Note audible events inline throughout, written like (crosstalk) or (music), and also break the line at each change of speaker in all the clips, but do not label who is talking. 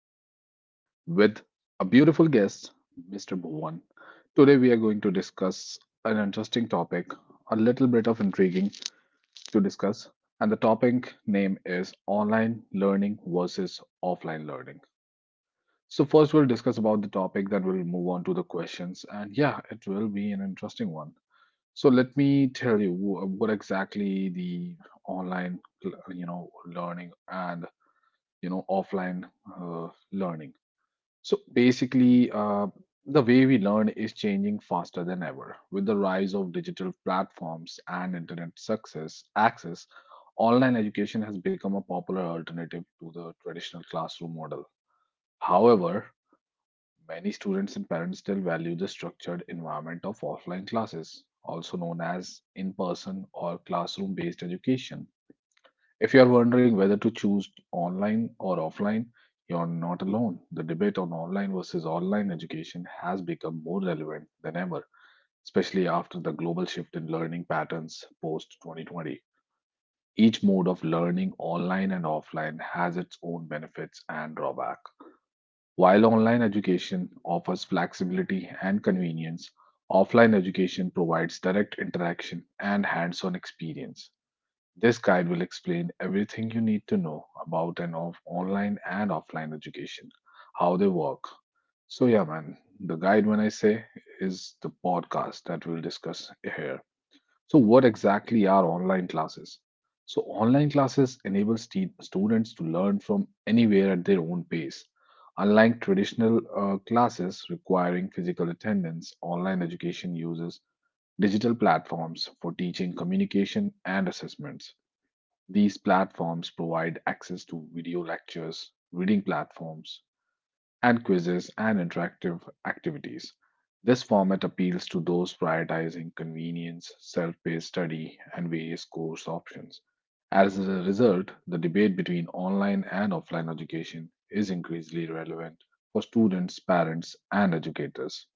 Naveen, with a beautiful guest, Mr. Bhuvan. Today, we are going to discuss an interesting topic, a little bit of intriguing to discuss. And the topic name is online learning versus offline learning. So, first, we'll discuss about the topic, then, we'll move on to the questions. And yeah, it will be an interesting one. So let me tell you what exactly the online, learning and offline learning, so basically, the way we learn is changing faster than ever with the rise of digital platforms and internet success access. Online education has become a popular alternative to the traditional classroom model. However, many students and parents still value the structured environment of offline classes, also known as in person or classroom based education. If you are wondering whether to choose online or offline, you're not alone. The debate on online versus online education has become more relevant than ever, especially after the global shift in learning patterns post 2020. Each mode of learning, online and offline, has its own benefits and drawback. While online education offers flexibility and convenience, offline education provides direct interaction and hands on experience. This guide will explain everything you need to know about online and offline education, how they work. So, yeah, man, the guide, when I say, is the podcast that we'll discuss here. So, what exactly are online classes? So, online classes enable students to learn from anywhere at their own pace. Unlike traditional classes requiring physical attendance, online education uses digital platforms for teaching, communication, and assessments. These platforms provide access to video lectures, reading platforms, and quizzes and interactive activities. This format appeals to those prioritizing convenience, self paced study, and various course options. As a result, the debate between online and offline education is increasingly relevant for students, parents, and educators.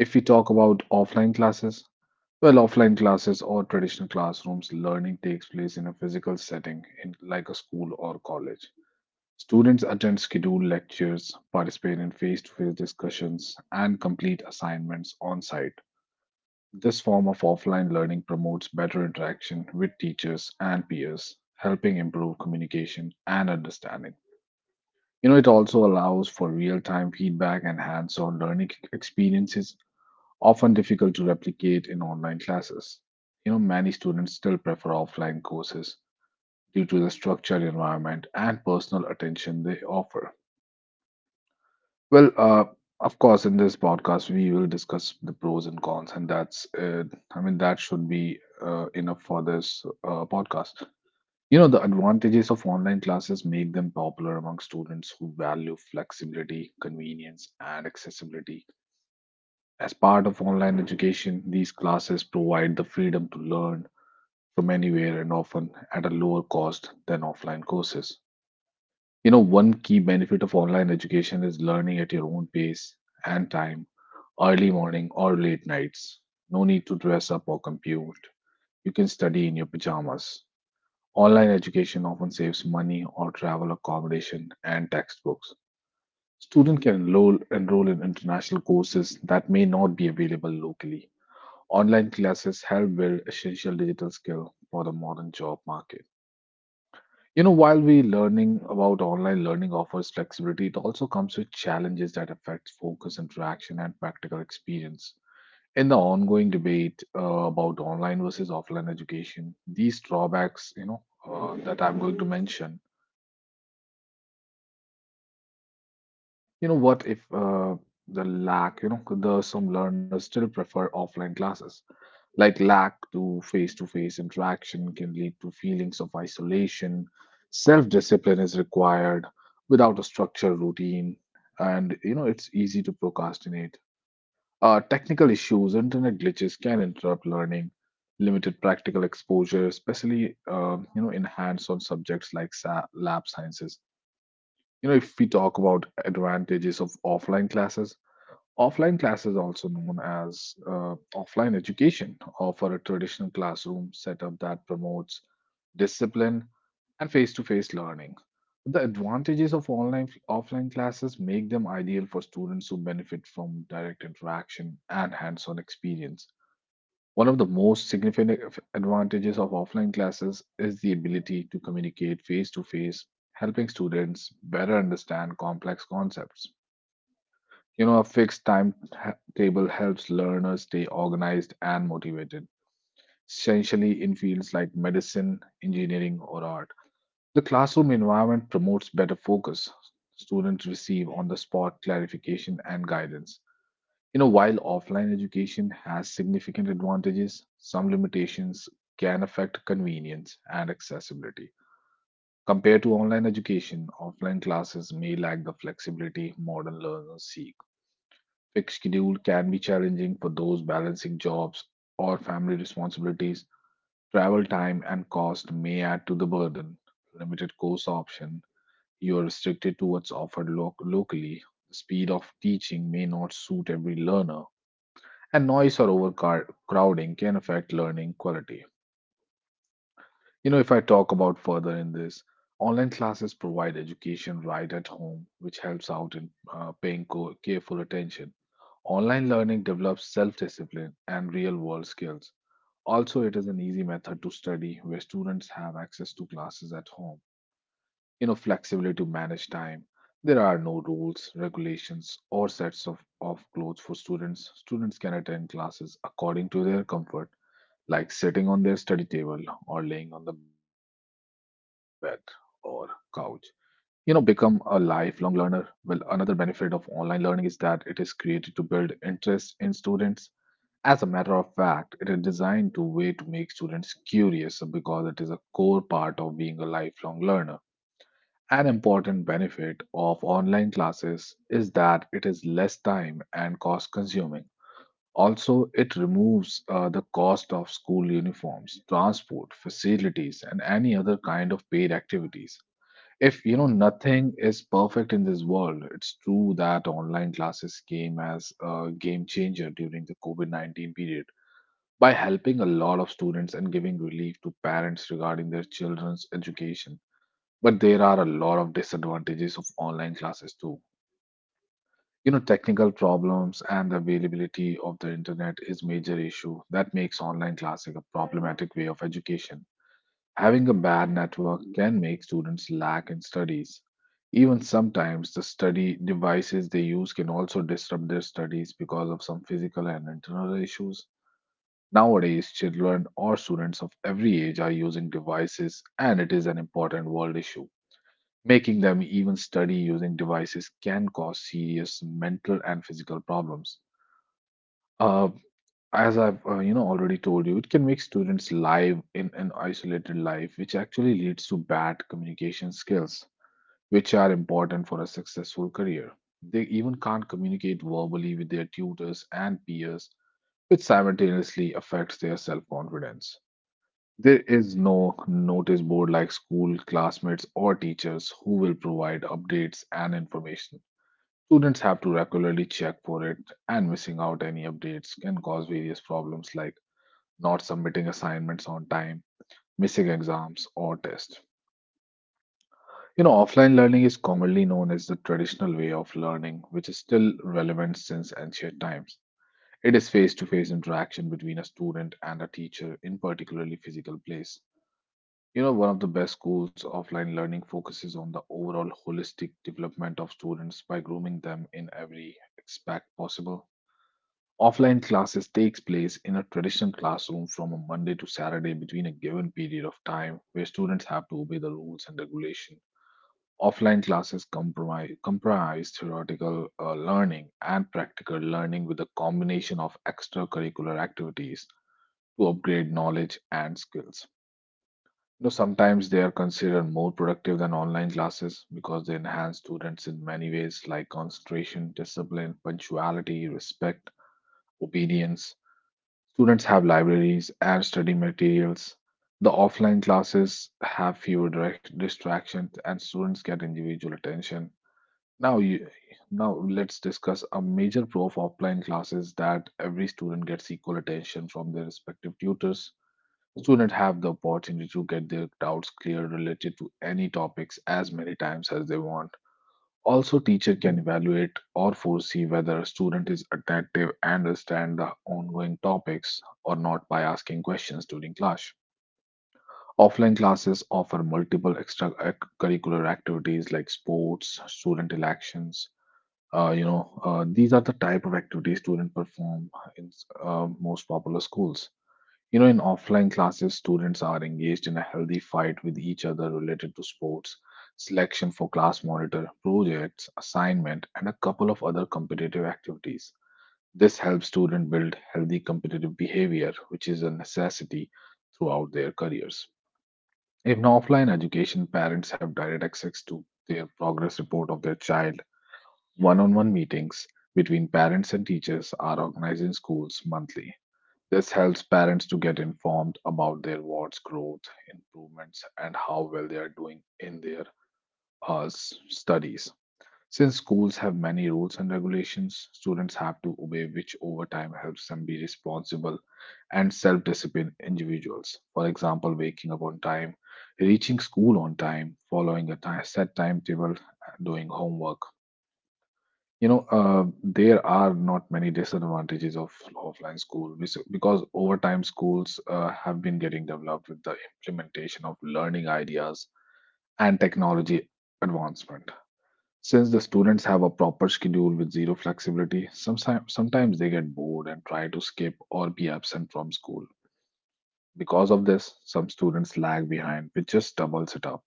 If we talk about offline classes, well, offline classes or traditional classrooms, learning takes place in a physical setting in, like a school or college. Students attend scheduled lectures, participate in face to face discussions, and complete assignments on site. This form of offline learning promotes better interaction with teachers and peers, helping improve communication and understanding. You know, it also allows for real time feedback and hands on learning experiences often difficult to replicate in online classes. You know, many students still prefer offline courses due to the structured environment and personal attention they offer. Well, uh, of course, in this podcast, we will discuss the pros and cons, and I mean, that should be enough for this podcast. You know, the advantages of online classes make them popular among students who value flexibility, convenience, and accessibility. As part of online education, these classes provide the freedom to learn from anywhere and often at a lower cost than offline courses. You know, one key benefit of online education is learning at your own pace and time, early morning or late nights. No need to dress up or compute. You can study in your pajamas. Online education often saves money or travel accommodation and textbooks. Student can enroll in international courses that may not be available locally. Online classes help build essential digital skill for the modern job market. You know, while we learning about online learning offers flexibility, it also comes with challenges that affect focus, interaction, and practical experience. In the ongoing debate about online versus offline education, these drawbacks, that I'm going to mention. You know, what if the lack, you know, the some learners still prefer offline classes, like lack to face interaction can lead to feelings of isolation. Self discipline is required without a structured routine, and you know it's easy to procrastinate. Technical issues, internet glitches can interrupt learning. Limited practical exposure, especially in hands-on subjects like lab sciences. You know, if we talk about advantages of offline classes, offline class is also known as offline education, offer a traditional classroom setup that promotes discipline and face-to-face learning. The advantages of online offline classes make them ideal for students who benefit from direct interaction and hands-on experience. One of the most significant advantages of offline classes is the ability to communicate face-to-face, helping students better understand complex concepts. You know, a fixed timetable helps learners stay organized and motivated, essentially in fields like medicine, engineering, or art. The classroom environment promotes better focus. Students receive on the spot clarification and guidance. You know, while offline education has significant advantages, some limitations can affect convenience and accessibility. Compared to online education, offline classes may lack the flexibility modern learners seek. Fixed schedule can be challenging for those balancing jobs or family responsibilities. Travel time and cost may add to the burden. Limited course option, you are restricted to what's offered locally. The speed of teaching may not suit every learner, and noise or overcrowding can affect learning quality. You know, if I talk about further in this, online classes provide education right at home, which helps out in careful attention. Online learning develops self discipline and real world skills. Also, it is an easy method to study where students have access to classes at home. You know, flexibility to manage time. There are no rules, regulations, or sets of clothes for students. Students can attend classes according to their comfort, like sitting on their study table or laying on the bed or couch. You know, become a lifelong learner. Well, another benefit of online learning is that it is created to build interest in students. As a matter of fact, it is designed to way to make students curious because it is a core part of being a lifelong learner. An important benefit of online classes is that it is less time and cost consuming. Also, it removes the cost of school uniforms, transport, facilities, and any other kind of paid activities. If you know nothing is perfect in this world, it's true that online classes came as a game changer during the COVID COVID-19 period by helping a lot of students and giving relief to parents regarding their children's education. But there are a lot of disadvantages of online classes too. You know, technical problems and the availability of the internet is major issue that makes online classing a problematic way of education. Having a bad network can make students lack in studies. Even sometimes the study devices they use can also disrupt their studies because of some physical and internal issues. Nowadays, children or students of every age are using devices, and it is an important world issue. Making them even study using devices can cause serious mental and physical problems. Uh, as I've already told you, it can make students live in an isolated life, which actually leads to bad communication skills, which are important for a successful career. They even can't communicate verbally with their tutors and peers, which simultaneously affects their self confidence. There is no notice board like school, classmates, or teachers who will provide updates and information. Students have to regularly check for it, and missing out any updates can cause various problems like not submitting assignments on time, missing exams, or tests. You know, offline learning is commonly known as the traditional way of learning, which is still relevant since ancient times. It is face to face interaction between a student and a teacher in particularly physical place. You know, one of the best schools offline learning focuses on the overall holistic development of students by grooming them in every aspect possible. Offline classes takes place in a traditional classroom from a Monday to Saturday between a given period of time where students have to obey the rules and regulation. Offline classes comprise theoretical learning and practical learning with a combination of extracurricular activities to upgrade knowledge and skills. You know, sometimes they are considered more productive than online classes because they enhance students in many ways like concentration, discipline, punctuality, respect, obedience. Students have libraries and study materials. The offline classes have fewer direct distractions and students get individual attention. Now, you, now let's discuss a major pro of offline classes that every student gets equal attention from their respective tutors. Students have the opportunity to get their doubts clear related to any topics as many times as they want. Also, teacher can evaluate or foresee whether a student is attentive and understand the ongoing topics or not by asking questions during class. Offline classes offer multiple extracurricular activities like sports, student elections. These are the type of activities students perform in most popular schools. You know, in offline classes, students are engaged in a healthy fight with each other related to sports, selection for class monitor, projects, assignment, and a couple of other competitive activities. This helps students build healthy competitive behavior, which is a necessity throughout their careers. In offline education, parents have direct access to their progress report of their child. One on one meetings between parents and teachers are organized in schools monthly. This helps parents to get informed about their ward's growth, improvements, and how well they are doing in their studies. Since schools have many rules and regulations, students have to obey, which over time helps them be responsible and self disciplined individuals. For example, waking up on time, reaching school on time, following a set timetable, and doing homework. There are not many disadvantages of offline school because over time schools have been getting developed with the implementation of learning ideas and technology advancement. Since the students have a proper schedule with zero flexibility, sometimes they get bored and try to skip or be absent from school. Because of this, some students lag behind, which just doubles it up.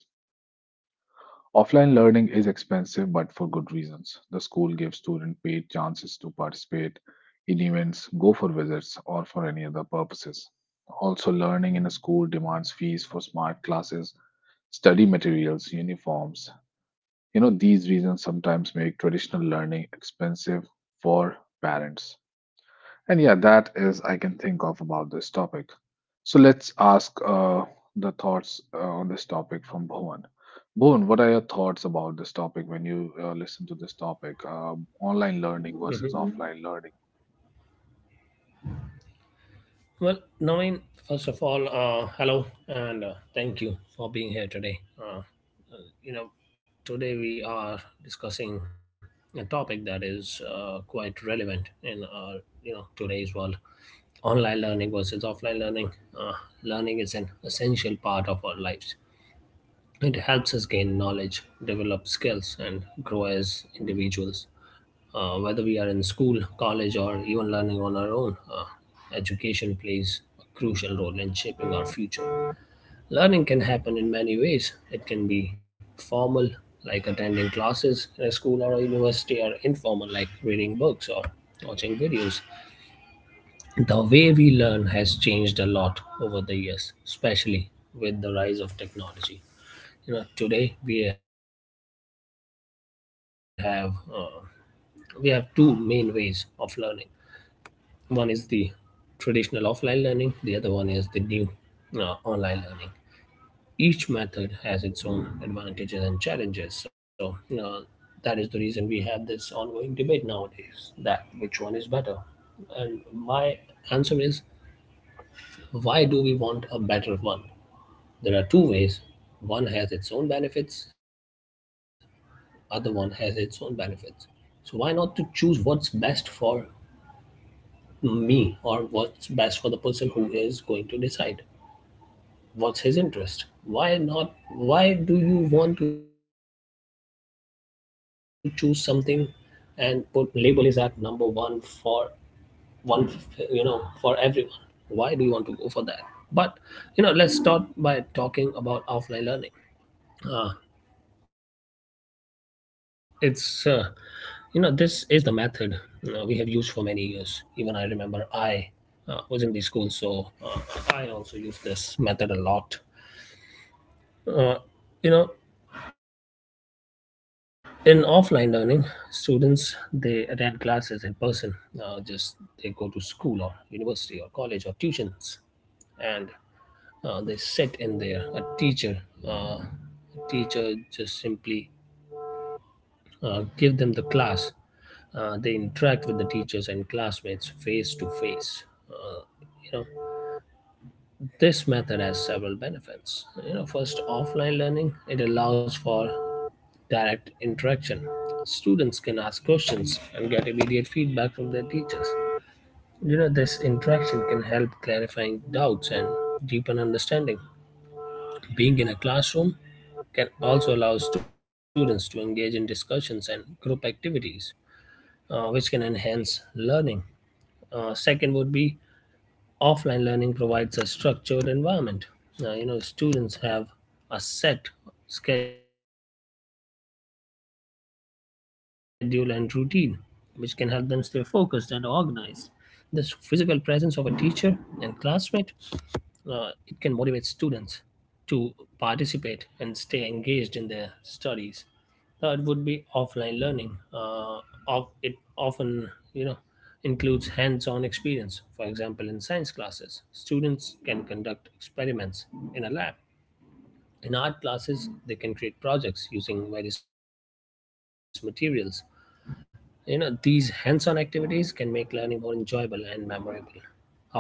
Offline learning is expensive, but for good reasons. The school gives students paid chances to participate in events, go for visits, or for any other purposes. Also, learning in a school demands fees for smart classes, study materials, uniforms. You know, these reasons sometimes make traditional learning expensive for parents. And yeah, that is I can think of about this topic. So let's ask the thoughts on this topic from Bhuvan. Bhuvan, what are your thoughts about this topic when you listen to this topic? Online learning
Mhm.
versus offline learning.
Well, Naveen, first of all, hello and thank you for being here today. Today we are discussing a topic that is quite relevant in today's world: online learning versus offline learning. Uh, Learning is an essential part of our lives. It helps us gain knowledge, develop skills, and grow as individuals, whether we are in school, college, or even learning on our own. Education plays a crucial role in shaping our future. Learning can happen in many ways. It can be formal, like attending classes in a school or a university, or informal, like reading books or watching videos. The way we learn has changed a lot over the years, especially with the rise of technology. You know, today we have two main ways of learning. One is the traditional offline learning, the other one is the new online learning. Each method has its own advantages and challenges. So, you that is the reason we have this ongoing debate nowadays that which one is better. And my answer is: why do we want a better one? There are two ways. One has its own benefits, other one has its own benefits. So why not to choose what's best for me or what's best for the person who is going to decide? What's his interest? Why not? Why do you want to choose something and put label is at number one for one, for everyone? Why do you want to go for that? But let's start by talking about offline learning. Uh, it's uh, this is the method we have used for many years. Even I remember I was in the school, so uh, I also use this method a lot. Uh, you know, in offline learning students they attend classes in person, just they go to school or university or college or tuitions, and they sit in there a uh, teacher just simply give them the class, they interact with the teachers and classmates face to face. Uh, you know This method has several benefits. You know, first, offline learning, it allows for direct interaction. Students can ask questions and get immediate feedback from their teachers. You know, this interaction can help clarifying doubts and deepen understanding. Being in a classroom can also allow students to engage in discussions and group activities, which can enhance learning. Second would be offline learning provides a structured environment. Now, you know, students have a set schedule and routine, which can help them stay focused and organized. This physical presence of a teacher and classmate, uh, it can motivate students to participate and stay engaged in their studies. Third would be offline learning. Of it often, you know, includes hands-on experience. For example, in science classes, students can conduct experiments in a lab. In art classes, they can create projects using various materials. You know, these hands-on activities can make learning more enjoyable and memorable. However,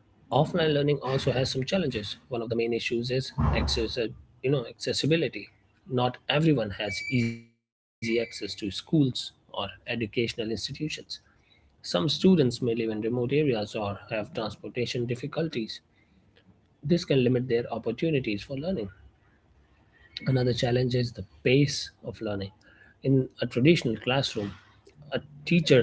offline learning also has some challenges. One of the main issues is access, you know, accessibility. Not everyone has easy access to schools or educational institutions. Some students may live in remote areas or have transportation difficulties. This can limit their opportunities for learning. Another challenge is the pace of learning. In a traditional classroom, a teacher,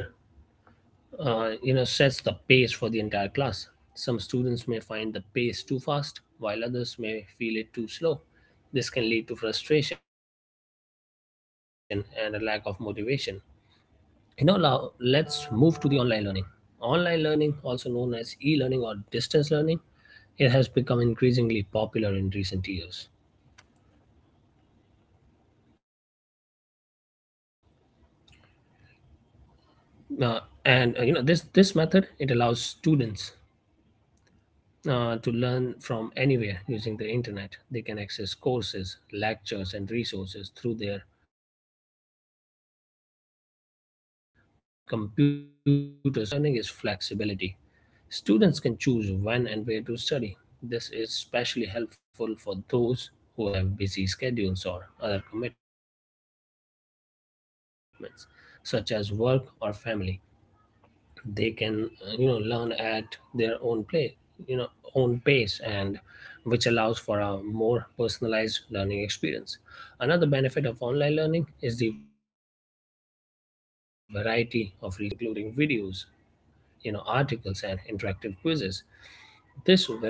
you know, sets the pace for the entire class. Some students may find the pace too fast, while others may feel it too slow. This can lead to frustration and a lack of motivation. You know, now let's move to the online learning. Online learning, also known as e-learning or distance learning, it has become increasingly popular in recent years. Uh, and uh, you know this this method it allows students to learn from anywhere using the internet. They can access courses, lectures, and resources through their computers or mobile devices. You know, one of the biggest advantages of online learning is flexibility. Students can choose when and where to study. This is especially helpful for those who have busy schedules or other commitments, such as work or family. They can, you know, learn at their own play you know own pace, and which allows for a more personalized learning experience. Another benefit of online learning is the variety of resources available. Students can access a wide range of material, including videos, you know, articles and interactive quizzes.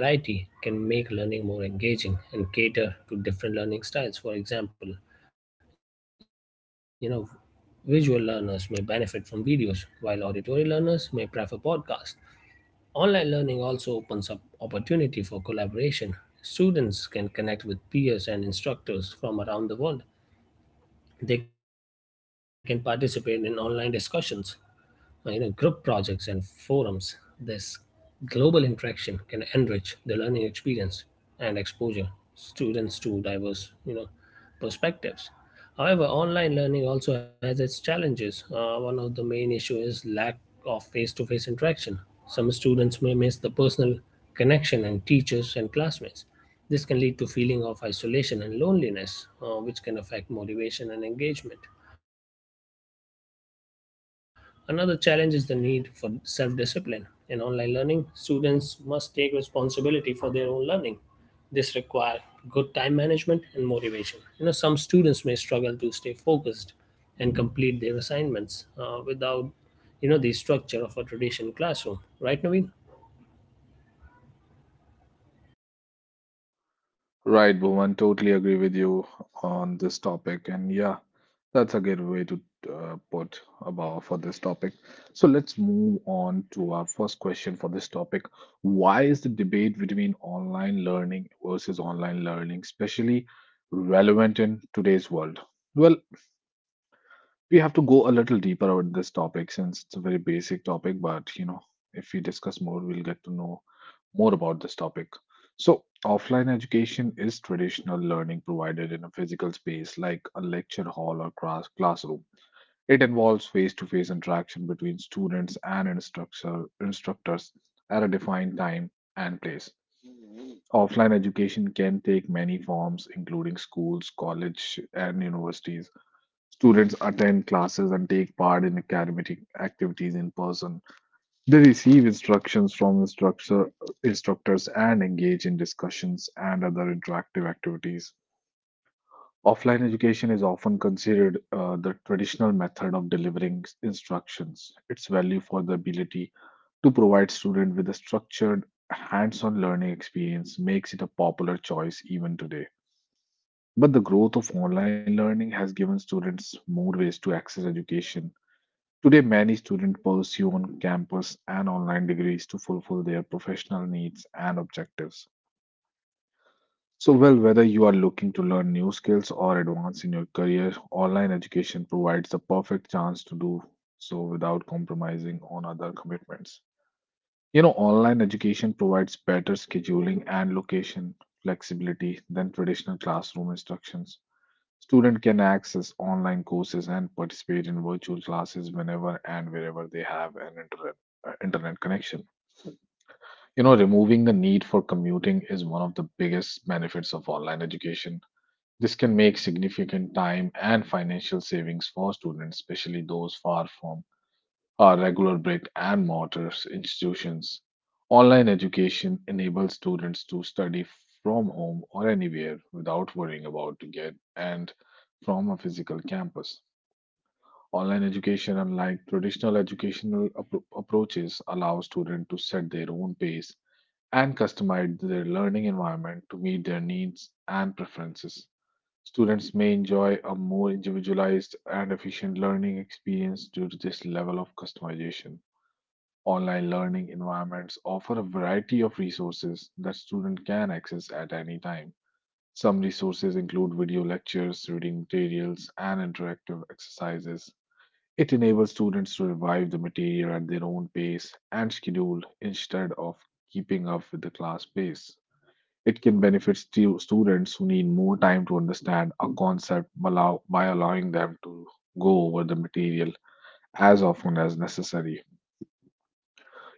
This variety can make learning more engaging and cater to different learning styles. For example, you know, visual learners may benefit from videos, while auditory learners may prefer podcasts. Online learning also opens up opportunity for collaboration. Students can connect with peers and instructors from around the world. They can participate in online discussions, you know, group projects and forums. This global interaction can enrich the learning experience and exposure students to diverse, you know, perspectives. However, online learning also has its challenges. One of the main issues is lack of face-to-face interaction. Some students may miss the personal connection and teachers and classmates. This can lead to feeling of isolation and loneliness, which can affect motivation and engagement. Another challenge is the need for self discipline. In online learning, students must take responsibility for their own learning. This requires good time management and motivation. You know, some students may struggle to stay focused and complete their assignments without, you know, the structure of a traditional classroom. Right, Naveen?
Right, Bhuvan, totally agree with you on this topic. And yeah, that's a good way to put about for this topic. So let's move on to our first question for this topic. Why is the debate between online learning versus online learning especially relevant in today's world? Well, we have to go a little deeper on this topic since it's a very basic topic, but you know, if we discuss more, we'll get to know more about this topic. So, offline education is traditional learning provided in a physical space like a lecture hall or classroom. It involves face to face interaction between students and instructors at a defined time and place. Offline education can take many forms, including schools, college, and universities. Students attend classes and take part in academic activities in person. They receive instructions from instructors and engage in discussions and other interactive activities. Offline education is often considered the traditional method of delivering instructions. Its value for the ability to provide students with a structured, hands-on learning experience makes it a popular choice even today. But the growth of online learning has given students more ways to access education. Today, many students pursue on campus and online degrees to fulfill their professional needs and objectives. So, well, whether you are looking to learn new skills or advance in your career, online education provides the perfect chance to do so without compromising on other commitments. You know, online education provides better scheduling and location flexibility than traditional classroom instructions. Student can access online courses and participate in virtual classes whenever and wherever they have an internet connection. You know, removing the need for commuting is one of the biggest benefits of online education. This can make significant time and financial savings for students, especially those far from are regular brick and mortar institutions. Online education enables students to study from home or anywhere without worrying about to get and from a physical campus. Online education, unlike traditional educational approaches, allows students to set their own pace and customize their learning environment to meet their needs and preferences. Students may enjoy a more individualized and efficient learning experience due to this level of customization. Online learning environments offer a variety of resources that students can access at any time. Some resources include video lectures, reading materials, and interactive exercises. It enables students to revive the material at their own pace and schedule instead of keeping up with the class pace. It can benefit students who need more time to understand a concept by allowing them to go over the material as often as necessary.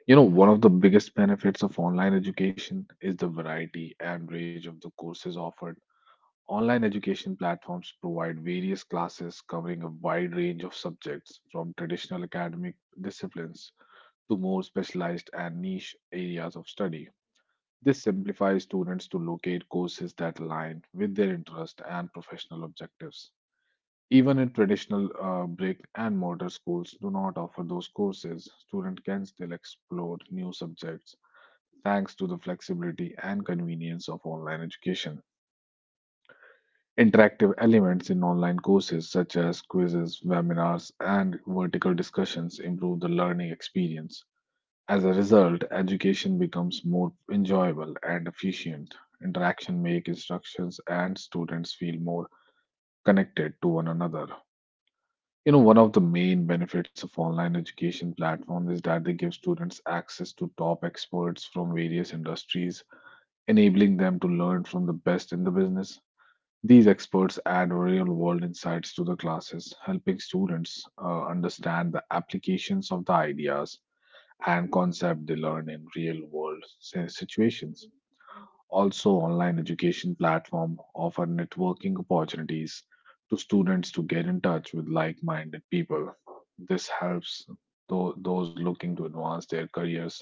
You know, one of the biggest benefits of online education is the variety and range of the courses offered. Online education platforms provide various classes covering a wide range of subjects, from traditional academic disciplines to more specialized and niche areas of study. This simplifies students to locate courses that align with their interest and professional objectives. Even in traditional brick and mortar schools do not offer those courses, students can still explore new subjects thanks to the flexibility and convenience of online education. Interactive elements in online courses such as quizzes, webinars, and vertical discussions improve the learning experience. As a result, education becomes more enjoyable and efficient. Interaction make instructions and students feel more connected to one another. You know, one of the main benefits of online education platform is that they give students access to top experts from various industries enabling them to learn from the best in the business. These experts add real world insights to the classes, helping students understand the applications of the ideas and concepts they learn in real world situations. Also, online education platform offer networking opportunities to students to get in touch with like-minded people. This helps those looking to advance their careers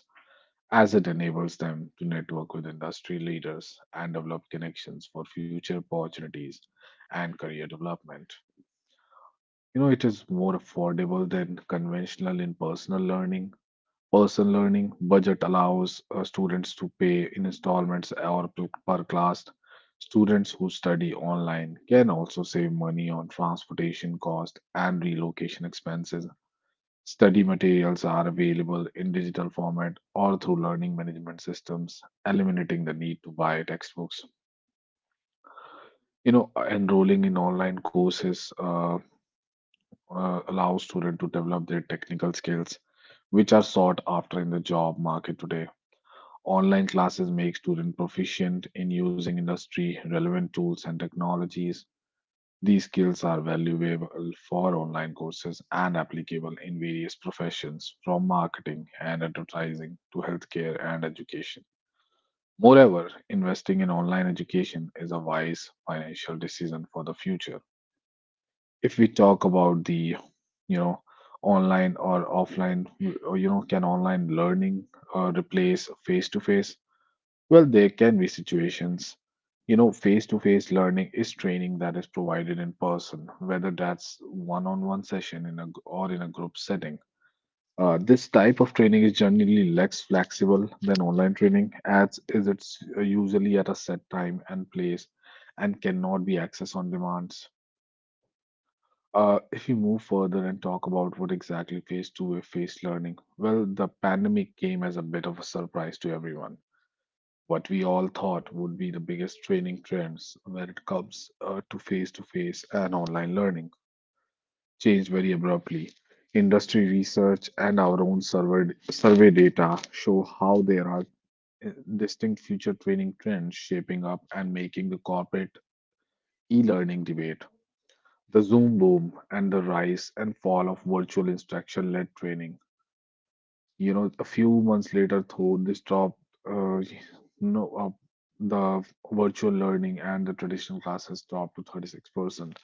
as it enables them to network with industry leaders and develop connections for future opportunities and career development. You know, it is more affordable than conventional in personal learning. Personal learning budget allows students to pay in installments or per class. Students who study online can also save money on transportation cost and relocation expenses. Study materials are available in digital format or through learning management systems, eliminating the need to buy textbooks. You know, enrolling in online courses allows students to develop their technical skills, which are sought after in the job market today. Online classes make students proficient in using industry relevant tools and technologies. These skills are valuable for online courses and applicable in various professions, from marketing and advertising to healthcare and education. Moreover, investing in online education is a wise financial decision for the future. If we talk about the, you know, online or offline, or, you know, can online learning replace face to face? Well, there can be situations. You know, face to face learning is training that is provided in person, whether that's one on one session in or in a group setting. This type of training is generally less flexible than online training, as is it's usually at a set time and place and cannot be accessed on demand. If you move further and talk about what exactly phase two is face learning, well, the pandemic came as a bit of a surprise to everyone. What we all thought would be the biggest training trends when it comes to face and online learning changed very abruptly. Industry research and our own survey data show how there are uh, distinct future training trends shaping up and making the corporate e learning debate. The Zoom boom and the rise and fall of virtual instruction led training, you know, a few months later, though, they stopped, uh, no, the virtual learning and the traditional classes dropped to 36%.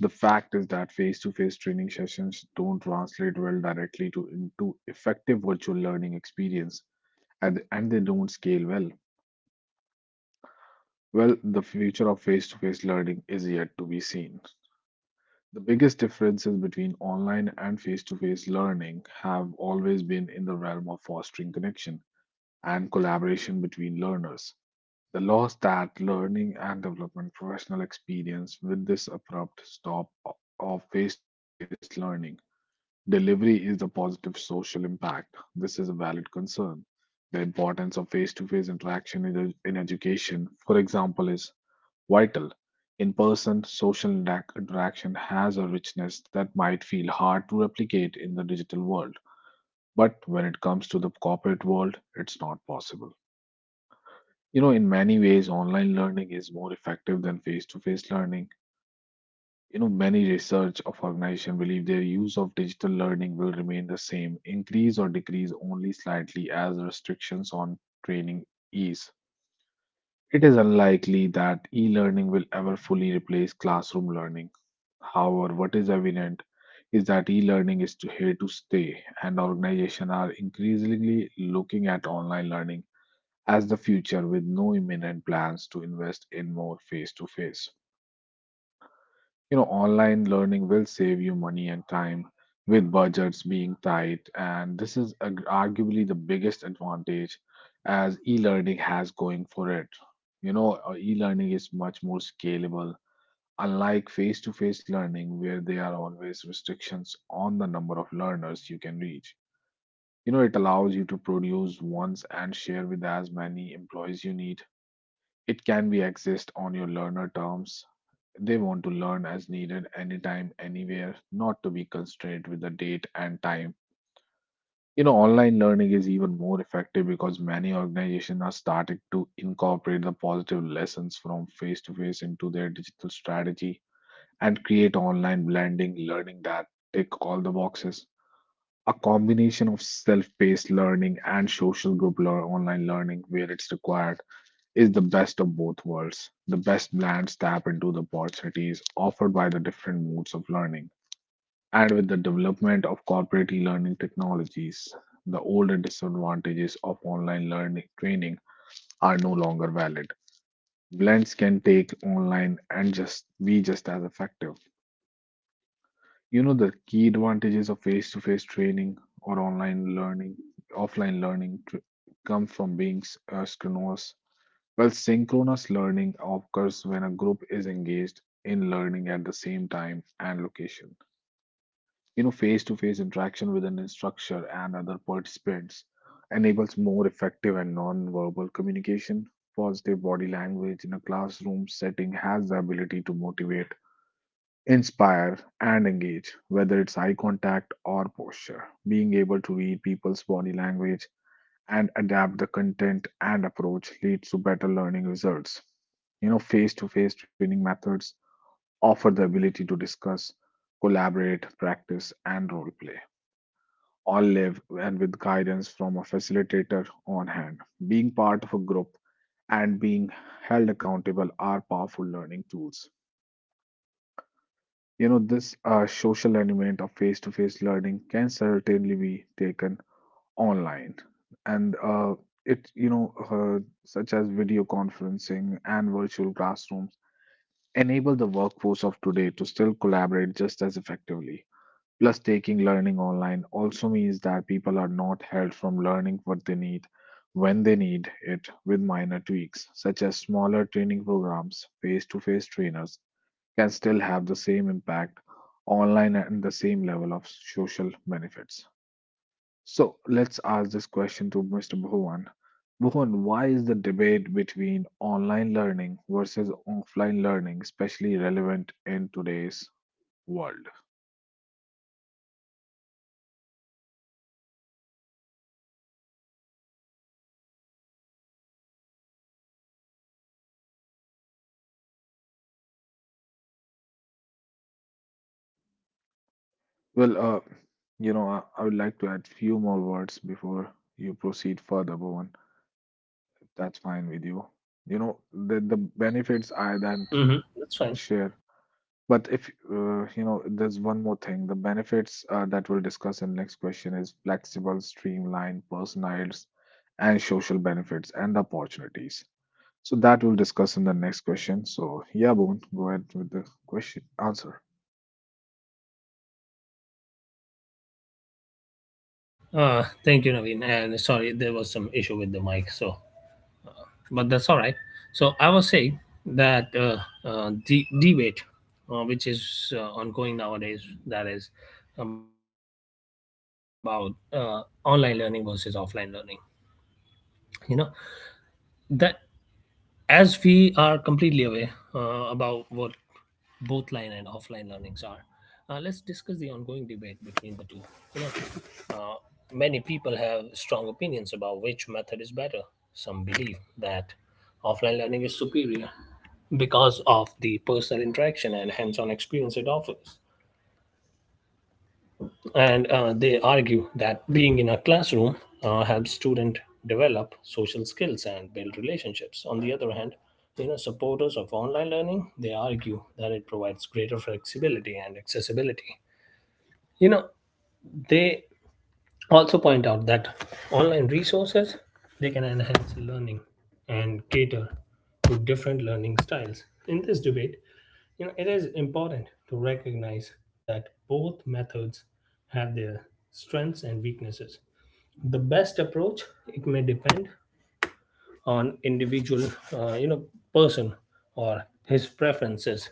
The fact is that face-to-face training sessions don't translate well directly to into effective virtual learning experience, and they don't scale well. Well, the future of face-to-face learning is yet to be seen. The biggest differences between online and face-to-face learning have always been in the realm of fostering connection and collaboration between learners. The loss that learning and development professional experience with this abrupt stop of face to face learning. Delivery is the positive social impact. This is a valid concern. The importance of face to face interaction in, in education, for example, is vital. In person, social interaction has a richness that might feel hard to replicate in the digital world. But when it comes to the corporate world, it's not possible. You know, in many ways, online learning is more effective than face-to-face learning. You know, many research of organizations believe their use of digital learning will remain the same, increase or decrease only slightly as restrictions on training ease. It is unlikely that e-learning will ever fully replace classroom learning. However, what is evident is that here to stay, and organizations are increasingly looking at online learning as the future with no imminent plans to invest in more face to face. You know, online learning will save you money and time with budgets being tight, and this is arguably the biggest advantage as e-learning has going for it. E-learning is much more scalable, unlike face-to-face learning where there are always restrictions on the number of learners you can reach. It allows you to produce once and share with as many employees you need. It can be accessed on your learner terms. They want to learn as needed anytime, anywhere, not to be constrained with the date and time. Online learning is even more effective because many organizations are starting to incorporate the positive lessons from face to face into their digital strategy and create online blending learning that tick all the boxes. A combination of self paced learning and social online learning where it's required is the best of both worlds. The best blends tap into the opportunities offered by the different modes of learning. And with the development of corporate e-learning technologies, the older disadvantages of online learning training are no longer valid. Blends can take online and just be just as effective. The key advantages of face-to-face training or online learning come from being synchronous. Well, synchronous learning occurs when a group is engaged in learning at the same time and location. Face to face interaction with an instructor and other participants enables more effective and non verbal communication. Positive body language in a classroom setting has the ability to motivate, inspire, and engage, whether it's eye contact or posture. Being able to read people's body language and adapt the content and approach leads to better learning results. Face to face training methods offer the ability to discuss, collaborate, practice, and role play, all live and with guidance from a facilitator on hand. Being part of a group and being held accountable are powerful learning tools. This social element of face to face learning can certainly be taken online, and it you know such as video conferencing and virtual classrooms enable the workforce of today to still collaborate just as effectively. Plus, taking learning online also means that people are not held from learning what they need when they need it. With minor tweaks such as smaller training programs, face-to-face trainers can still have the same impact online and the same level of social benefits. So let's ask this question to Mr. Bhuvan. Bhuvan, why is the debate between online learning versus offline learning especially relevant in today's world? Well, uh, I would like to add few more words before you proceed further, Bhuvan. That's fine with you. You know, the benefits I that
Mm-hmm. That's fine.
share. But if you know, there's one more thing. The benefits that we'll discuss in next question is flexible, streamlined, personalized, and social benefits and the opportunities. So that we'll discuss in the next question. So yeah, Bhuvan, go ahead with the question answer.
Right. Thank you, Naveen. And sorry, there was some issue with the mic. So but that's all right. So I was saying that, the debate, which is ongoing nowadays, that is about online learning versus offline learning. You know that as we are completely aware about what both line and offline learnings are, let's discuss the ongoing debate between the two. You know, many people have strong opinions about which method is better. Some believe that offline learning is superior because of the personal interaction and hands on experience it offers. And they argue that being in a classroom helps students develop social skills and build relationships. On the other hand, you know, supporters of online learning, they argue that it provides greater flexibility and accessibility. You know, they also point out that online resources, they can enhance learning and cater to different learning styles. In this debate, you know, it is important to recognize that both methods have their strengths and weaknesses. The best approach, it may depend on individual, you know, person or his preferences.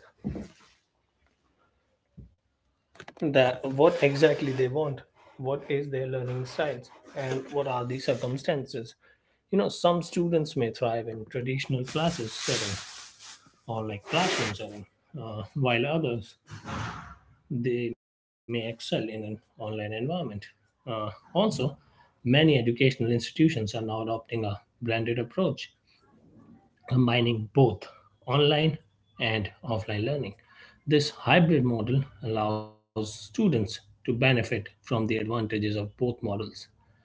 That what exactly they want, what is their learning styles, and what are the circumstances. You know, some students may thrive in traditional classes setting or like classroom setting, while others they may excel in an online environment. Also, many educational institutions are now adopting a blended approach, combining both online and offline learning. This hybrid model allows students to benefit from the advantages of both models.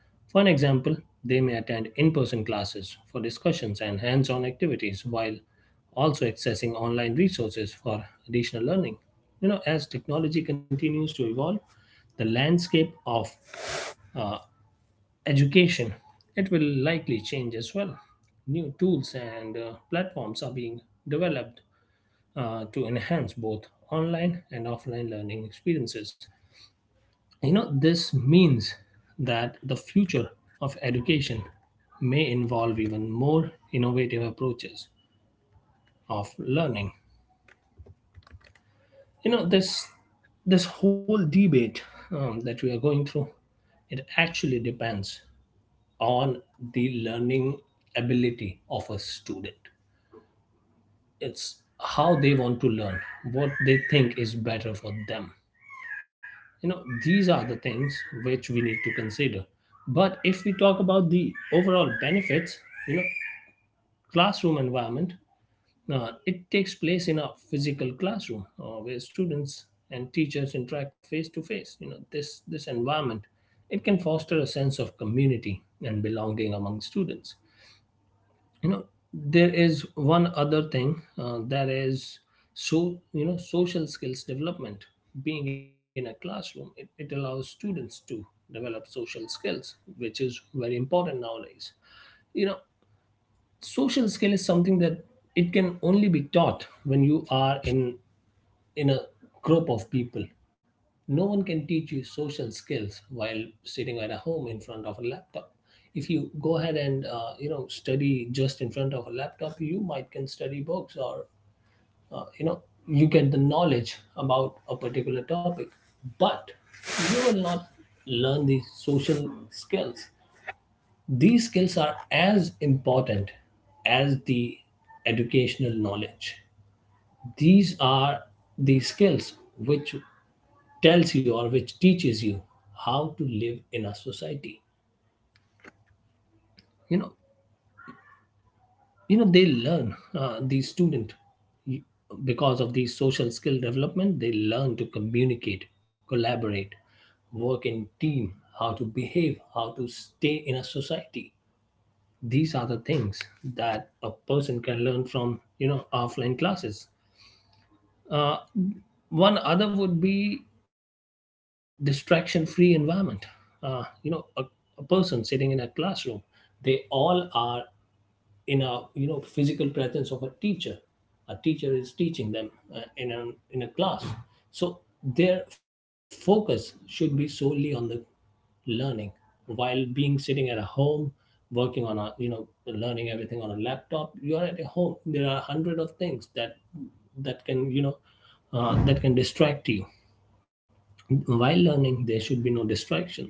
For an example, they may attend in person classes for discussions and hands on activities while also accessing online resources for additional learning. You know, as technology continues to evolve, the landscape of uh, education, it will likely change as well. New tools and, platforms are being developed to enhance both online and offline learning experiences. You know, this means that the future of education may involve even more innovative approaches of learning. You know, this whole debate, that we are going through, it actually depends on the learning ability of a student. It's how they want to learn, what they think is better for them. You know, these are the things which we need to consider. But if we talk about the overall benefits, you know, classroom environment, it takes place in a physical classroom where students and teachers interact face to face. You know, this environment, it can foster a sense of community and belonging among students. You know, there is one other thing that is, so, you know, social skills development. Being in a classroom, it allows students to develop social skills, which is very important nowadays. You know, social skill is something that it can only be taught when you are in a group of people. No one can teach you social skills while sitting at a home in front of a laptop. If you go ahead and, you know, study just in front of a laptop, you might can study books or, you know, you get the knowledge about a particular topic, but you will not learn these social skills. These skills are as important as the educational knowledge. These are the skills which tells you or which teaches you how to live in a society. You know you know they learn the student you- because of these social skill development they learn to communicate, collaborate, work in team, how to behave, how to stay in a society. These are the things that a person can learn from, you know, offline classes. Uh, One other would be distraction free environment. You know, a person sitting in a classroom, they all are in a, you know, physical presence of a teacher. A teacher is teaching them uh, in a in a class, so their focus should be solely on the learning while being sitting at a home, working on a, you know, learning everything on a laptop. You are at a home, there are hundred of things that that can you know that can distract you. While learning, there should be no distractions.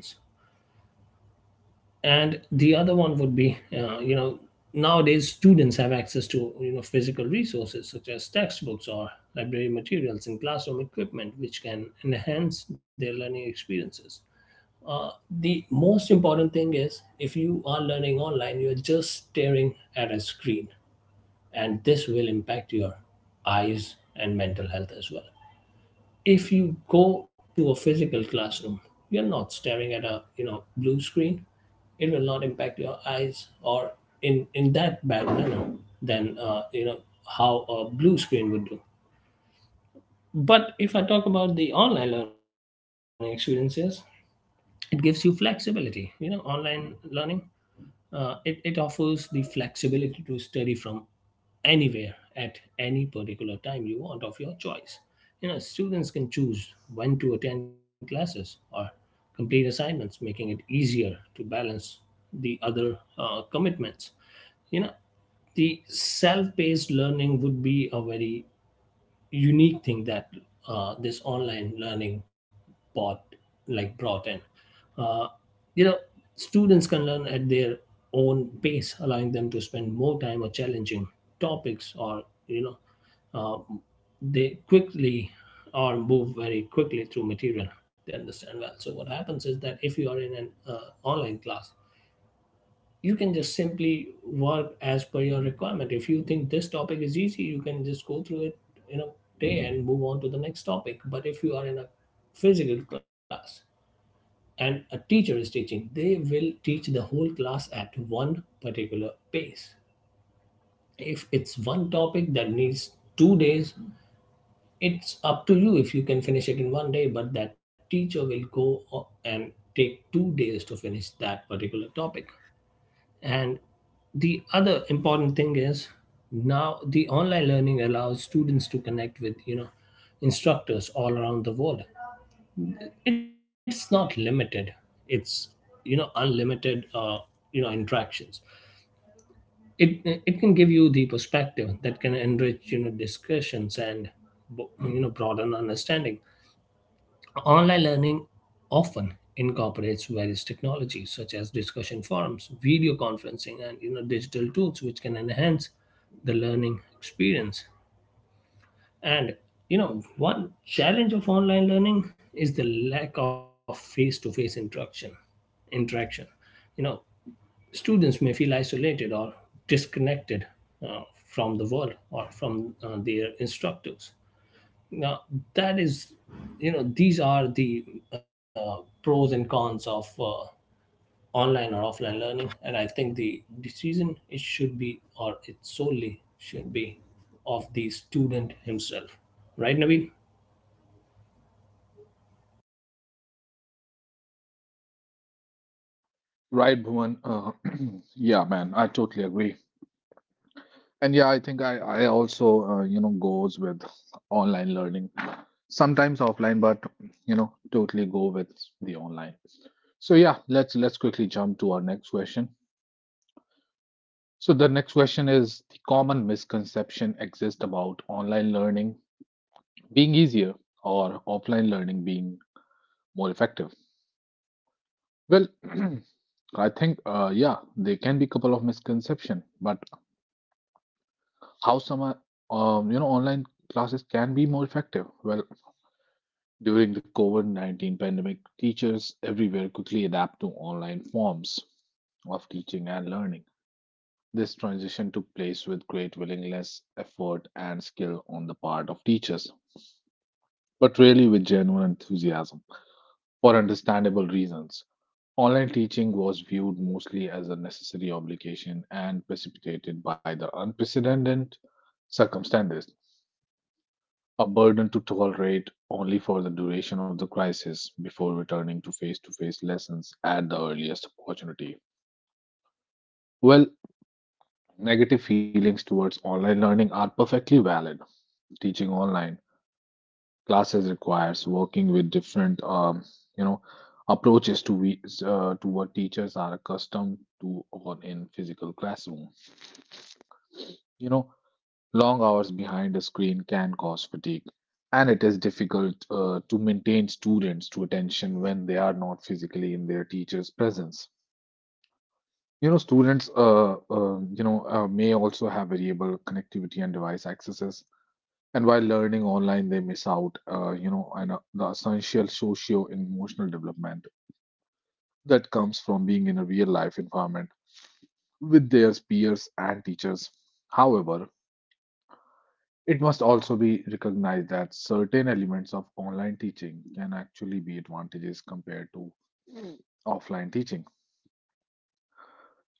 And the other one would be, you know, nowadays students have access to, you know, physical resources such as textbooks or library materials and classroom equipment, which can enhance their learning experiences. Uh, the most important thing is if you are learning online, you're just staring at a screen, and this will impact your eyes and mental health as well. If you go to a physical classroom, you're not staring at a, you know, blue screen. It will not impact your eyes or in that bad manner than, you know, how a blue screen would do. But if I talk about the online learning experiences, it gives you flexibility. You know, online learning, it offers the flexibility to study from anywhere at any particular time you want of your choice. You know, students can choose when to attend classes or complete assignments, making it easier to balance the other commitments. You know, the self paced learning would be a very unique thing that this online learning bought, like brought in. Uh, you know, students can learn at their own pace, allowing them to spend more time on challenging topics or you know um, they quickly or move very quickly through material they understand well. So what happens is that if you are in an online class, you can just simply work as per your requirement. If you think this topic is easy, you can just go through it in a day and move on to the next topic. But if you are in a physical class and a teacher is teaching, they will teach the whole class at one particular pace. If it's one topic that needs 2 days, it's up to you if you can finish it in one day, but that teacher will go o- and take 2 days to finish that particular topic. And the other important thing is, now the online learning allows students to connect with, you know, instructors all around the world. It's not limited. It's, you know, unlimited, you know, interactions. It, it can give you the perspective that can enrich, you know, discussions and you know, broaden understanding. Online learning often incorporates various technologies such as discussion forums, video conferencing, and, you know, digital tools, which can enhance the learning experience. And, you know, one challenge of online learning is the lack of face-to-face interaction. Interaction, you know, students may feel isolated or disconnected uh, from the world or from their instructors. Now, that is, you know, these are the uh, pros and cons of online or offline learning, and I think the decision it should be, or it solely should be of the student himself. Right, Naveen?
Right, Bhuvan. (clears throat) Yeah, man, I totally agree. And yeah, I think I also goes with online learning, sometimes offline, but totally go with the online. So yeah, let's quickly jump to our next question. So the next question is the common misconception exists about online learning being easier or offline learning being more effective. Well, (clears throat) I think yeah, there can be a couple of misconception, but how some are, online classes can be more effective. Well, during the COVID-19 pandemic, teachers everywhere quickly adapt to online forms of teaching and learning. This transition took place with great willingness, effort, and skill on the part of teachers, but rarely with genuine enthusiasm for understandable reasons. Online teaching was viewed mostly as a necessary obligation and precipitated by the unprecedented circumstances, a burden to tolerate only for the duration of the crisis before returning to face lessons at the earliest opportunity. Well, negative feelings towards online learning are perfectly valid. Teaching online classes requires working with different, you know, approaches to to what teachers are accustomed to on in physical classroom. You know, Long hours behind a screen can cause fatigue, and it is difficult to maintain students to attention when they are not physically in their teacher's presence. Students may also have variable connectivity and device accesses, and while learning online, they miss out, on the essential socio-emotional development that comes from being in a real-life environment with their peers and teachers. However, it must also be recognized that certain elements of online teaching can actually be advantages compared to offline teaching.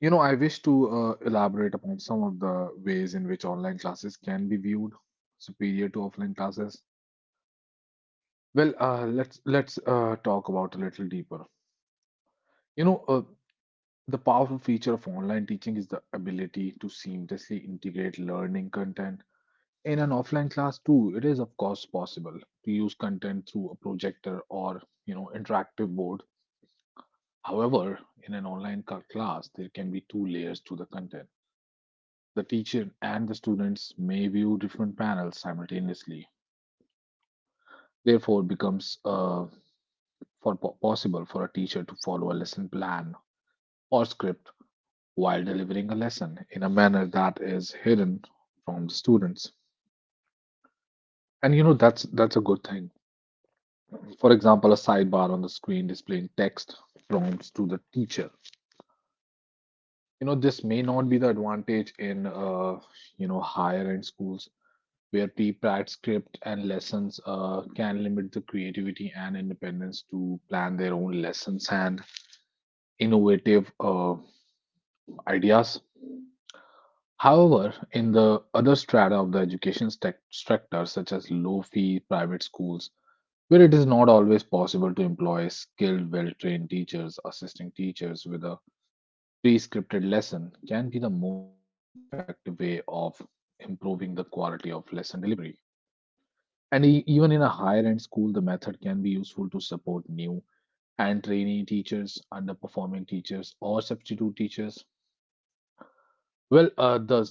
I wish to elaborate upon some of the ways in which online classes can be viewed superior to offline classes. Well, let's talk about a little deeper. You know, uh, the powerful feature of online teaching is the ability to seamlessly integrate learning content. In an offline class too, it is of course possible to use content through a projector or, interactive board. However, in an online class, there can be two layers to the content. The teacher and the students may view different panels simultaneously. Therefore, it becomes possible for a teacher to follow a lesson plan or script while delivering a lesson in a manner that is hidden from the students. And that's a good thing. For example, a sidebar on the screen displaying text prompts to the teacher. This may not be the advantage in, higher end schools where pre-planned script and lessons can limit the creativity and independence to plan their own lessons and innovative ideas. However, in the other strata of the education sector, such as low fee private schools, where it is not always possible to employ skilled, well trained teachers, assisting teachers with a pre scripted lesson can be the most effective way of improving the quality of lesson delivery. And even in a higher end school, the method can be useful to support new and trainee teachers, underperforming teachers, or substitute teachers. Well, uh, the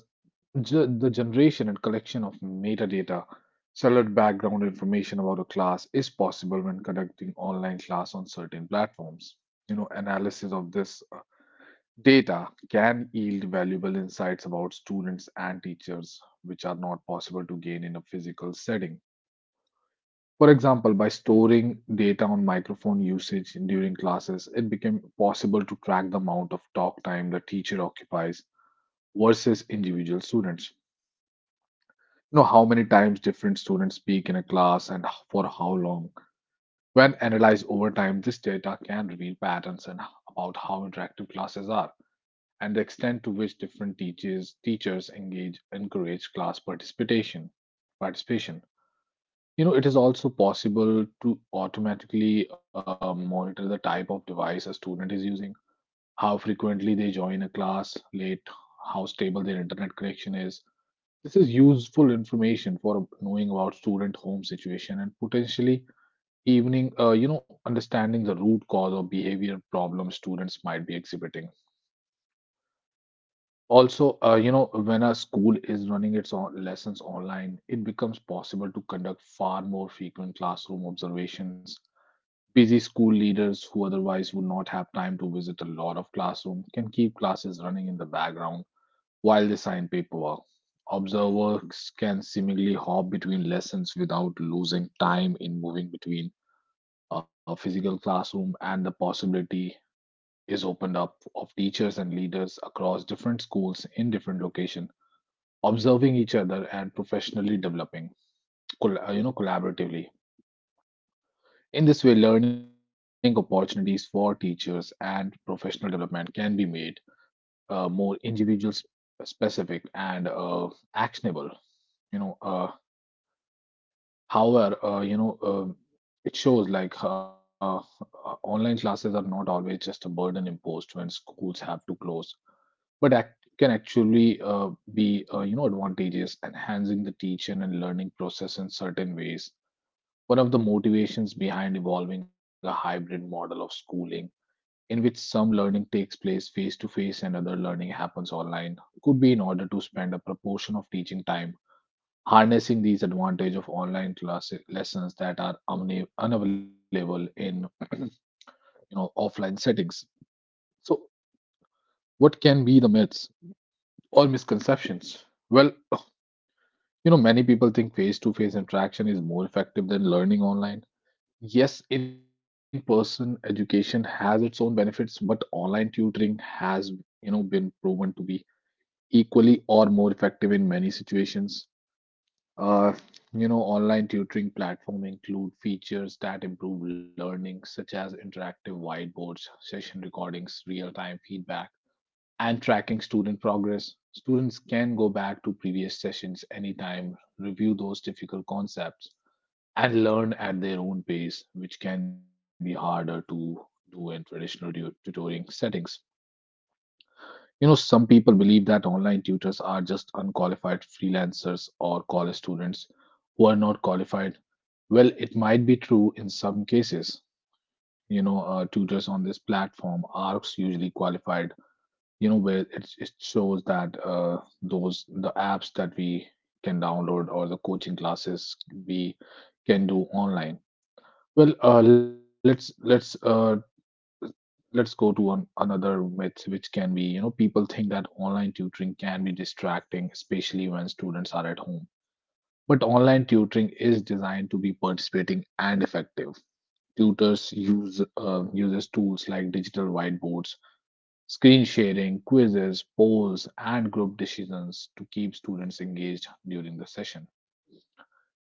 ge- the generation and collection of metadata, solid background information about a class is possible when conducting online class on certain platforms. Analysis of this data can yield valuable insights about students and teachers, which are not possible to gain in a physical setting. For example, by storing data on microphone usage during classes, it became possible to track the amount of talk time the teacher occupies versus individual students. How many times different students speak in a class and for how long. When analyzed over time, this data can reveal patterns and about how interactive classes are and the extent to which different teachers engage encourage class participation. Participation. It is also possible to automatically monitor the type of device a student is using, how frequently they join a class late, how stable their internet connection is. This is useful information for knowing about student home situation and potentially evening, understanding the root cause or behavior problems students might be exhibiting. Also, when a school is running its own lessons online, it becomes possible to conduct far more frequent classroom observations. Busy school leaders who otherwise would not have time to visit a lot of classroom can keep classes running in the background while they sign paperwork. Observers can seemingly hop between lessons without losing time in moving between a physical classroom, and the possibility is opened up of teachers and leaders across different schools in different locations observing each other and professionally developing collaboratively. In this way, learning opportunities for teachers and professional development can be made more individual specific and actionable. You know However, you know, it shows like online classes are not always just a burden imposed when schools have to close, but act can actually be, advantageous, enhancing the teaching and learning process in certain ways. One of the motivations behind evolving a hybrid model of schooling, in which some learning takes place face to face and other learning happens online, could be in order to spend a proportion of teaching time harnessing these advantage of online class lessons that are unavailable in (clears throat) you offline settings. So what can be the myths or misconceptions? Well, many people think face to face interaction is more effective than learning online. Yes, in person education has its own benefits, but online tutoring has been proven to be equally or more effective in many situations. Uh, Online tutoring platform include features that improve learning, such as interactive whiteboards, session recordings, real-time feedback, and tracking student progress. Students can go back to previous sessions anytime, review those difficult concepts, and learn at their own pace, which can be harder to do in traditional tutoring settings. You know, some people believe that online tutors are just unqualified freelancers or college students who are not qualified, well, it might be true in some cases. Tutors on this platform are usually qualified. You know, where it shows that those the apps that we can download or the coaching classes we can do online. Well, let's go to another myth, which can be, you know, people think that online tutoring can be distracting, especially when students are at home. But online tutoring is designed to be participating and effective. Tutors uses tools like digital whiteboards, screen sharing, quizzes, polls, and group decisions to keep students engaged during the session.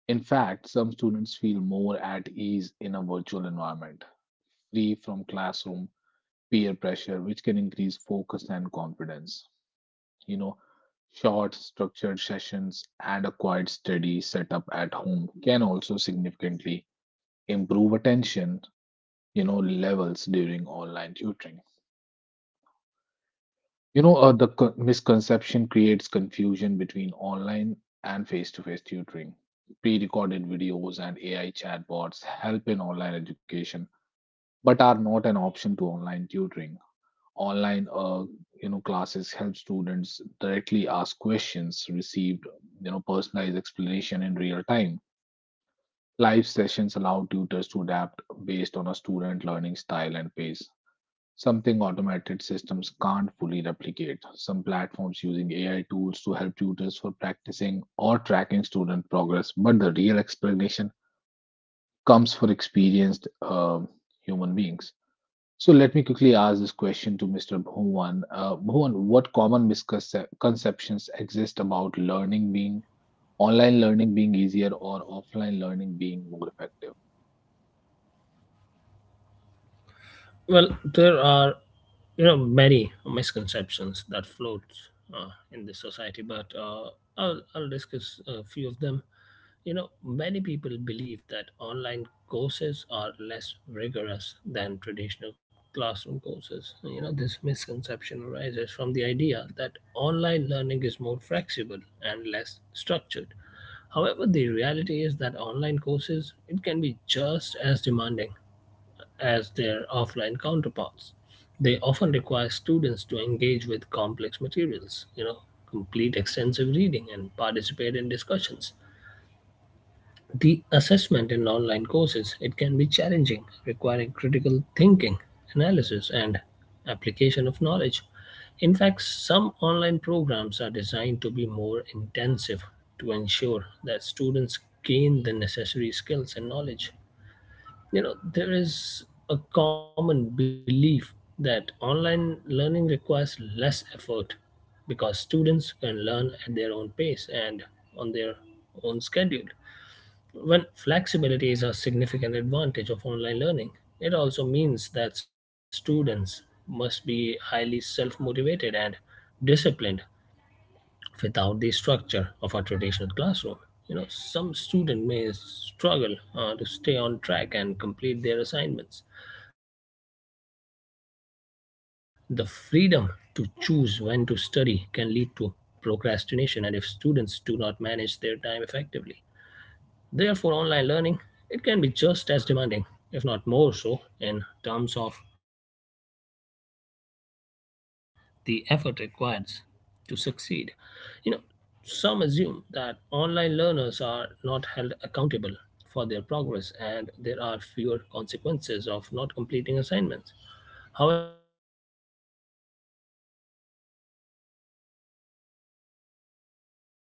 In fact, some students feel more at ease in a virtual environment, free from classroom peer pressure, which can increase focus and confidence. You know, short structured sessions and a quiet study setup at home can also significantly improve attention, you know, levels during online tutoring. The misconception creates confusion between online and face-to-face tutoring. Pre-recorded videos and AI chatbots help in online education, but are not an option to online tutoring. Online, uh, Classes help students directly ask questions, receive, you know, personalized explanation in real time. Live sessions allow tutors to adapt based on a student learning style and pace. Something automated systems can't fully replicate. Some platforms using AI tools to help tutors for practicing or tracking student progress, but the real explanation comes for experienced human beings. So let me quickly ask this question to Mr. Bhuvan. Bhuvan, what common misconceptions exist about learning being online learning being easier or offline learning being more effective?
Well, there are, you know, many misconceptions that float uh, in this society, but I'll discuss a few of them. You know, many people believe that online courses are less rigorous than traditional classroom courses. You know, this misconception arises from the idea that online learning is more flexible and less structured. However, the reality is that online courses, it can be just as demanding as their offline counterparts. They often require students to engage with complex materials, you know, complete extensive reading and participate in discussions. The assessment in online courses, it can be challenging, requiring critical thinking, analysis and application of knowledge. In fact, some online programs are designed to be more intensive to ensure that students gain the necessary skills and knowledge. You know, there is a common belief that online learning requires less effort because students can learn at their own pace and on their own schedule. When flexibility is a significant advantage of online learning, it also means that students must be highly self motivated and disciplined without the structure of a traditional classroom. You know, some student may struggle to stay on track and complete their assignments. The freedom to choose when to study can lead to procrastination and if students do not manage their time effectively. Therefore, online learning, it can be just as demanding, if not more so, in terms of the effort required to succeed. You know, some assume that online learners are not held accountable for their progress and there are fewer consequences of not completing assignments. However, many online courses have strict deadlines, you know, assignments and,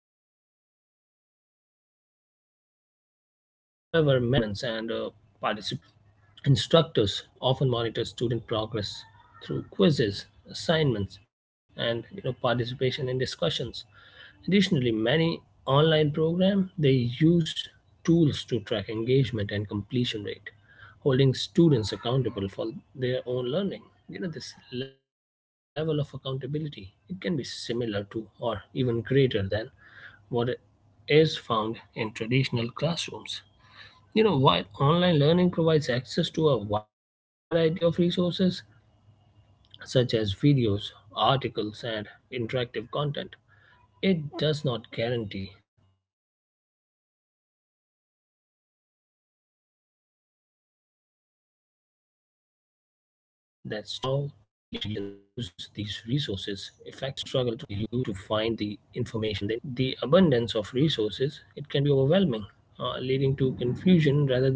participation requirements that ensure students stay on track. Instructors often monitor student progress through quizzes, assignments, and, you know, participation in discussions. Additionally, many online programs they use tools to track engagement and completion rate, holding students accountable for their own learning. You know, this level of accountability, it can be similar to or even greater than what is found in traditional classrooms. You know, while online learning provides access to a wide variety of resources such as videos, articles, and interactive content, it does not guarantee that students will use these resources effectively. Some students may struggle to navigate online platforms or may not know how to find the information they need. Additionally, the abundance of resources, it can be overwhelming, leading to confusion rather than clarity.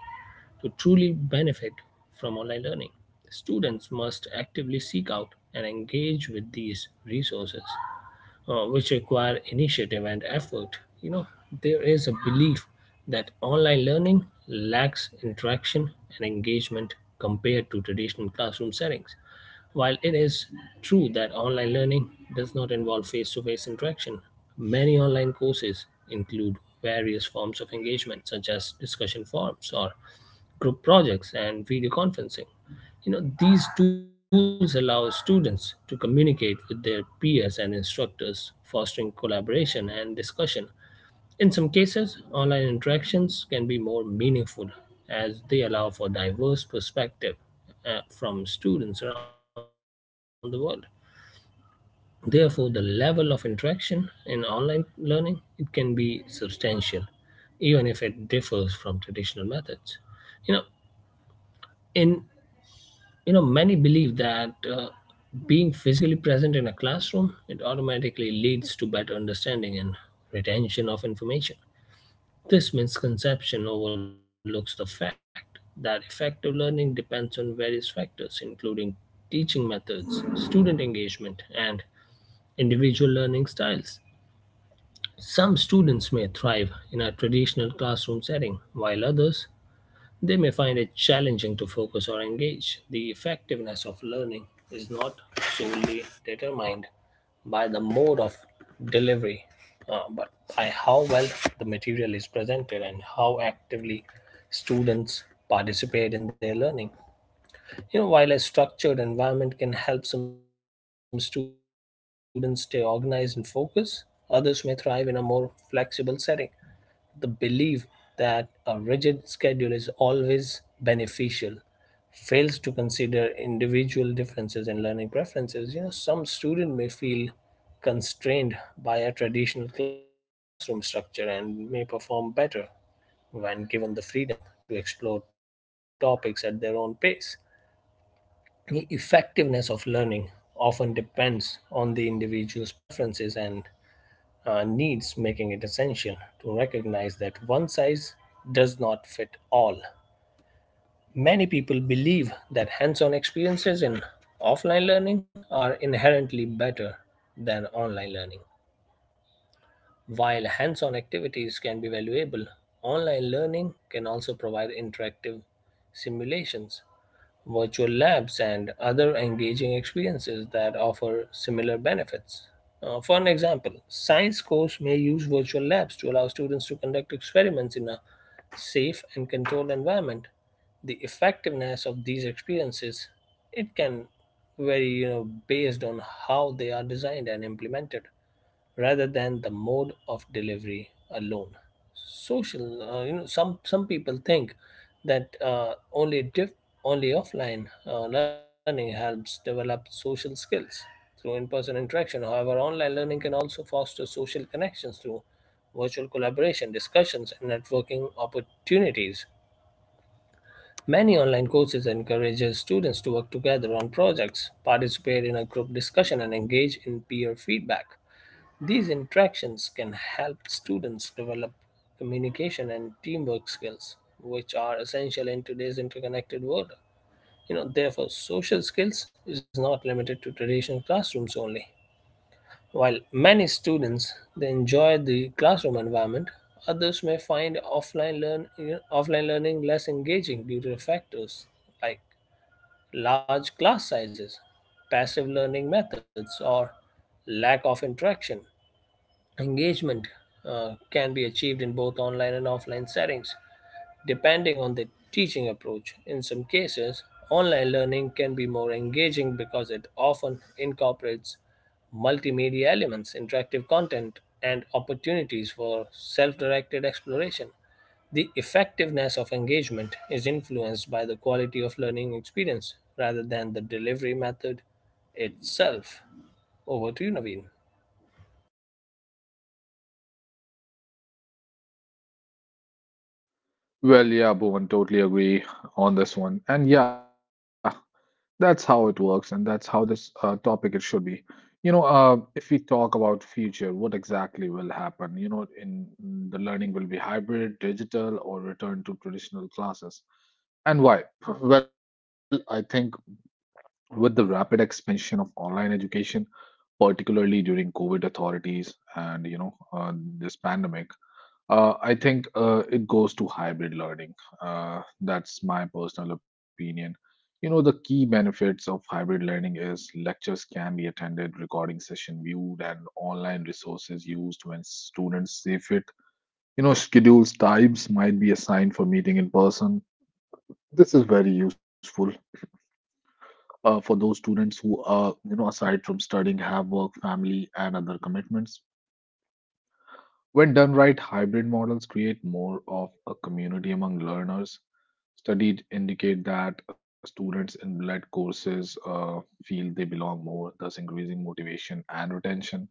To truly benefit from online learning, students must actively seek out and engage with these resources, which require initiative and effort. You know, there is a belief that online learning lacks interaction and engagement compared to traditional classroom settings. While it is true that online learning does not involve face to face interaction, many online courses include various forms of engagement such as discussion forums or group projects and video conferencing. You know, these tools allow students to communicate with their peers and instructors, fostering collaboration and discussion. In some cases, online interactions can be more meaningful as they allow for diverse perspective from students around the world. Therefore, the level of interaction in online learning, it can be substantial even if it differs from traditional methods. You know, in you know, many believe that being physically present in a classroom, it automatically leads to better understanding and retention of information. This misconception overlooks the fact that effective learning depends on various factors, including teaching methods, student engagement, and individual learning styles. Some students may thrive in a traditional classroom setting, while others, they may find it challenging to focus or engage. The effectiveness of learning is not solely determined by the mode of delivery, but by how well the material is presented and how actively students participate in their learning. You know, while a structured environment can help some students stay organized and focused, others may thrive in a more flexible setting. The belief that a rigid schedule is always beneficial fails to consider individual differences in learning preferences. You know, some student may feel constrained by a traditional classroom structure and may perform better when given the freedom to explore topics at their own pace. The effectiveness of learning often depends on the individual's preferences and, needs, making it essential to recognize that one size does not fit all. Many people believe that hands on experiences in offline learning are inherently better than online learning. While hands on activities can be valuable, online learning can also provide interactive simulations, virtual labs, and other engaging experiences that offer similar benefits. For an example, science course may use virtual labs to allow students to conduct experiments in a safe and controlled environment. The effectiveness of these experiences, it can vary, you know, based on how they are designed and implemented rather than the mode of delivery alone. Social, you know, Some people think that only offline learning helps develop social skills through in-person interaction. However, online learning can also foster social connections through virtual collaboration, discussions, and networking opportunities. Many online courses encourages students to work together on projects, participate in a group discussion, and engage in peer feedback. These interactions can help students develop communication and teamwork skills, which are essential in today's interconnected world. You know, therefore, social skills is not limited to traditional classrooms only. While many students they enjoy the classroom environment, others may find offline learn you know, offline learning less engaging due to factors like large class sizes, passive learning methods, or lack of interaction. Engagement can be achieved in both online and offline settings, depending on the teaching approach. In some cases, online learning can be more engaging because it often incorporates multimedia elements, interactive content, and opportunities for self directed exploration. The effectiveness of engagement is influenced by the quality of learning experience rather than the delivery method itself. Over to you, Naveen.
Well, yeah, Bhuvan, totally agree on this one. And yeah, that's how it works, and that's how this topic it should be. If we talk about future, what exactly will happen? You know, in the learning will be hybrid, digital, or return to traditional classes, and why? Well, I think with the rapid expansion of online education, particularly during COVID authorities and, you know, this pandemic, I think it goes to hybrid learning. That's my personal opinion. You know, the key benefits of hybrid learning is lectures can be attended, recording session viewed, and online resources used when students see fit. You know, schedules types might be assigned for meeting in person. This is very useful for those students who, you know, aside from studying, have work, family, and other commitments. When done right, hybrid models create more of a community among learners. Studies indicate that students in blended courses feel they belong more, thus increasing motivation and retention.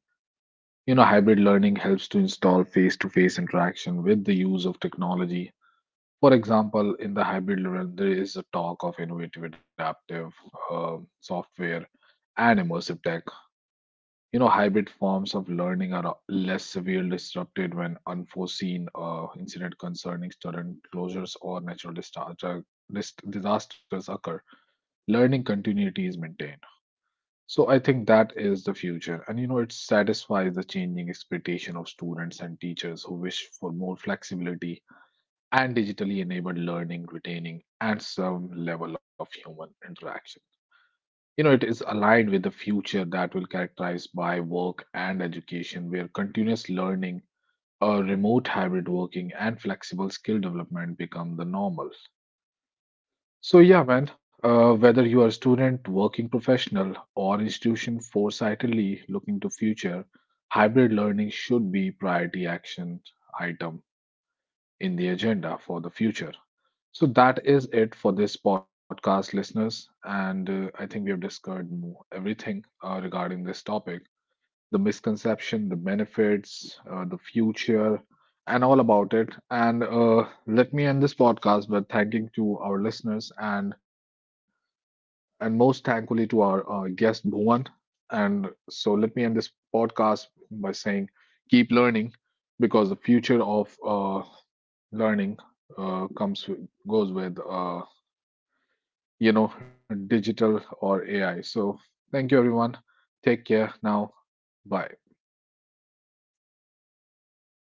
You know, hybrid learning helps to install face to face interaction with the use of technology. For example, in the hybrid realm, there is a talk of innovative adaptive software and immersive tech. You know, hybrid forms of learning are less severely disrupted when unforeseen incident concerning sudden closures or natural disasters occur. Learning continuity is maintained. So I think that is the future, and you know, it satisfies the changing expectation of students and teachers who wish for more flexibility and digitally enabled learning, retaining, and some level of human interaction. You know, it is aligned with the future that will characterized by work and education, where continuous learning, remote hybrid working, and flexible skill development become the normal. So yeah, man, whether you are a student, working professional, or institution foresightedly looking to future, hybrid learning should be priority action item in the agenda for the future. So that is it for this podcast, listeners. And I think we have discussed everything regarding this topic, the misconception, the benefits, the future, and all about it. And Let me end this podcast by thanking to our listeners and most thankfully to our guest, Bhuvan. And so let me end this podcast by saying keep learning because the future of learning uh, comes with, goes with, you know, digital or AI. So thank you, everyone. Take care now. Bye.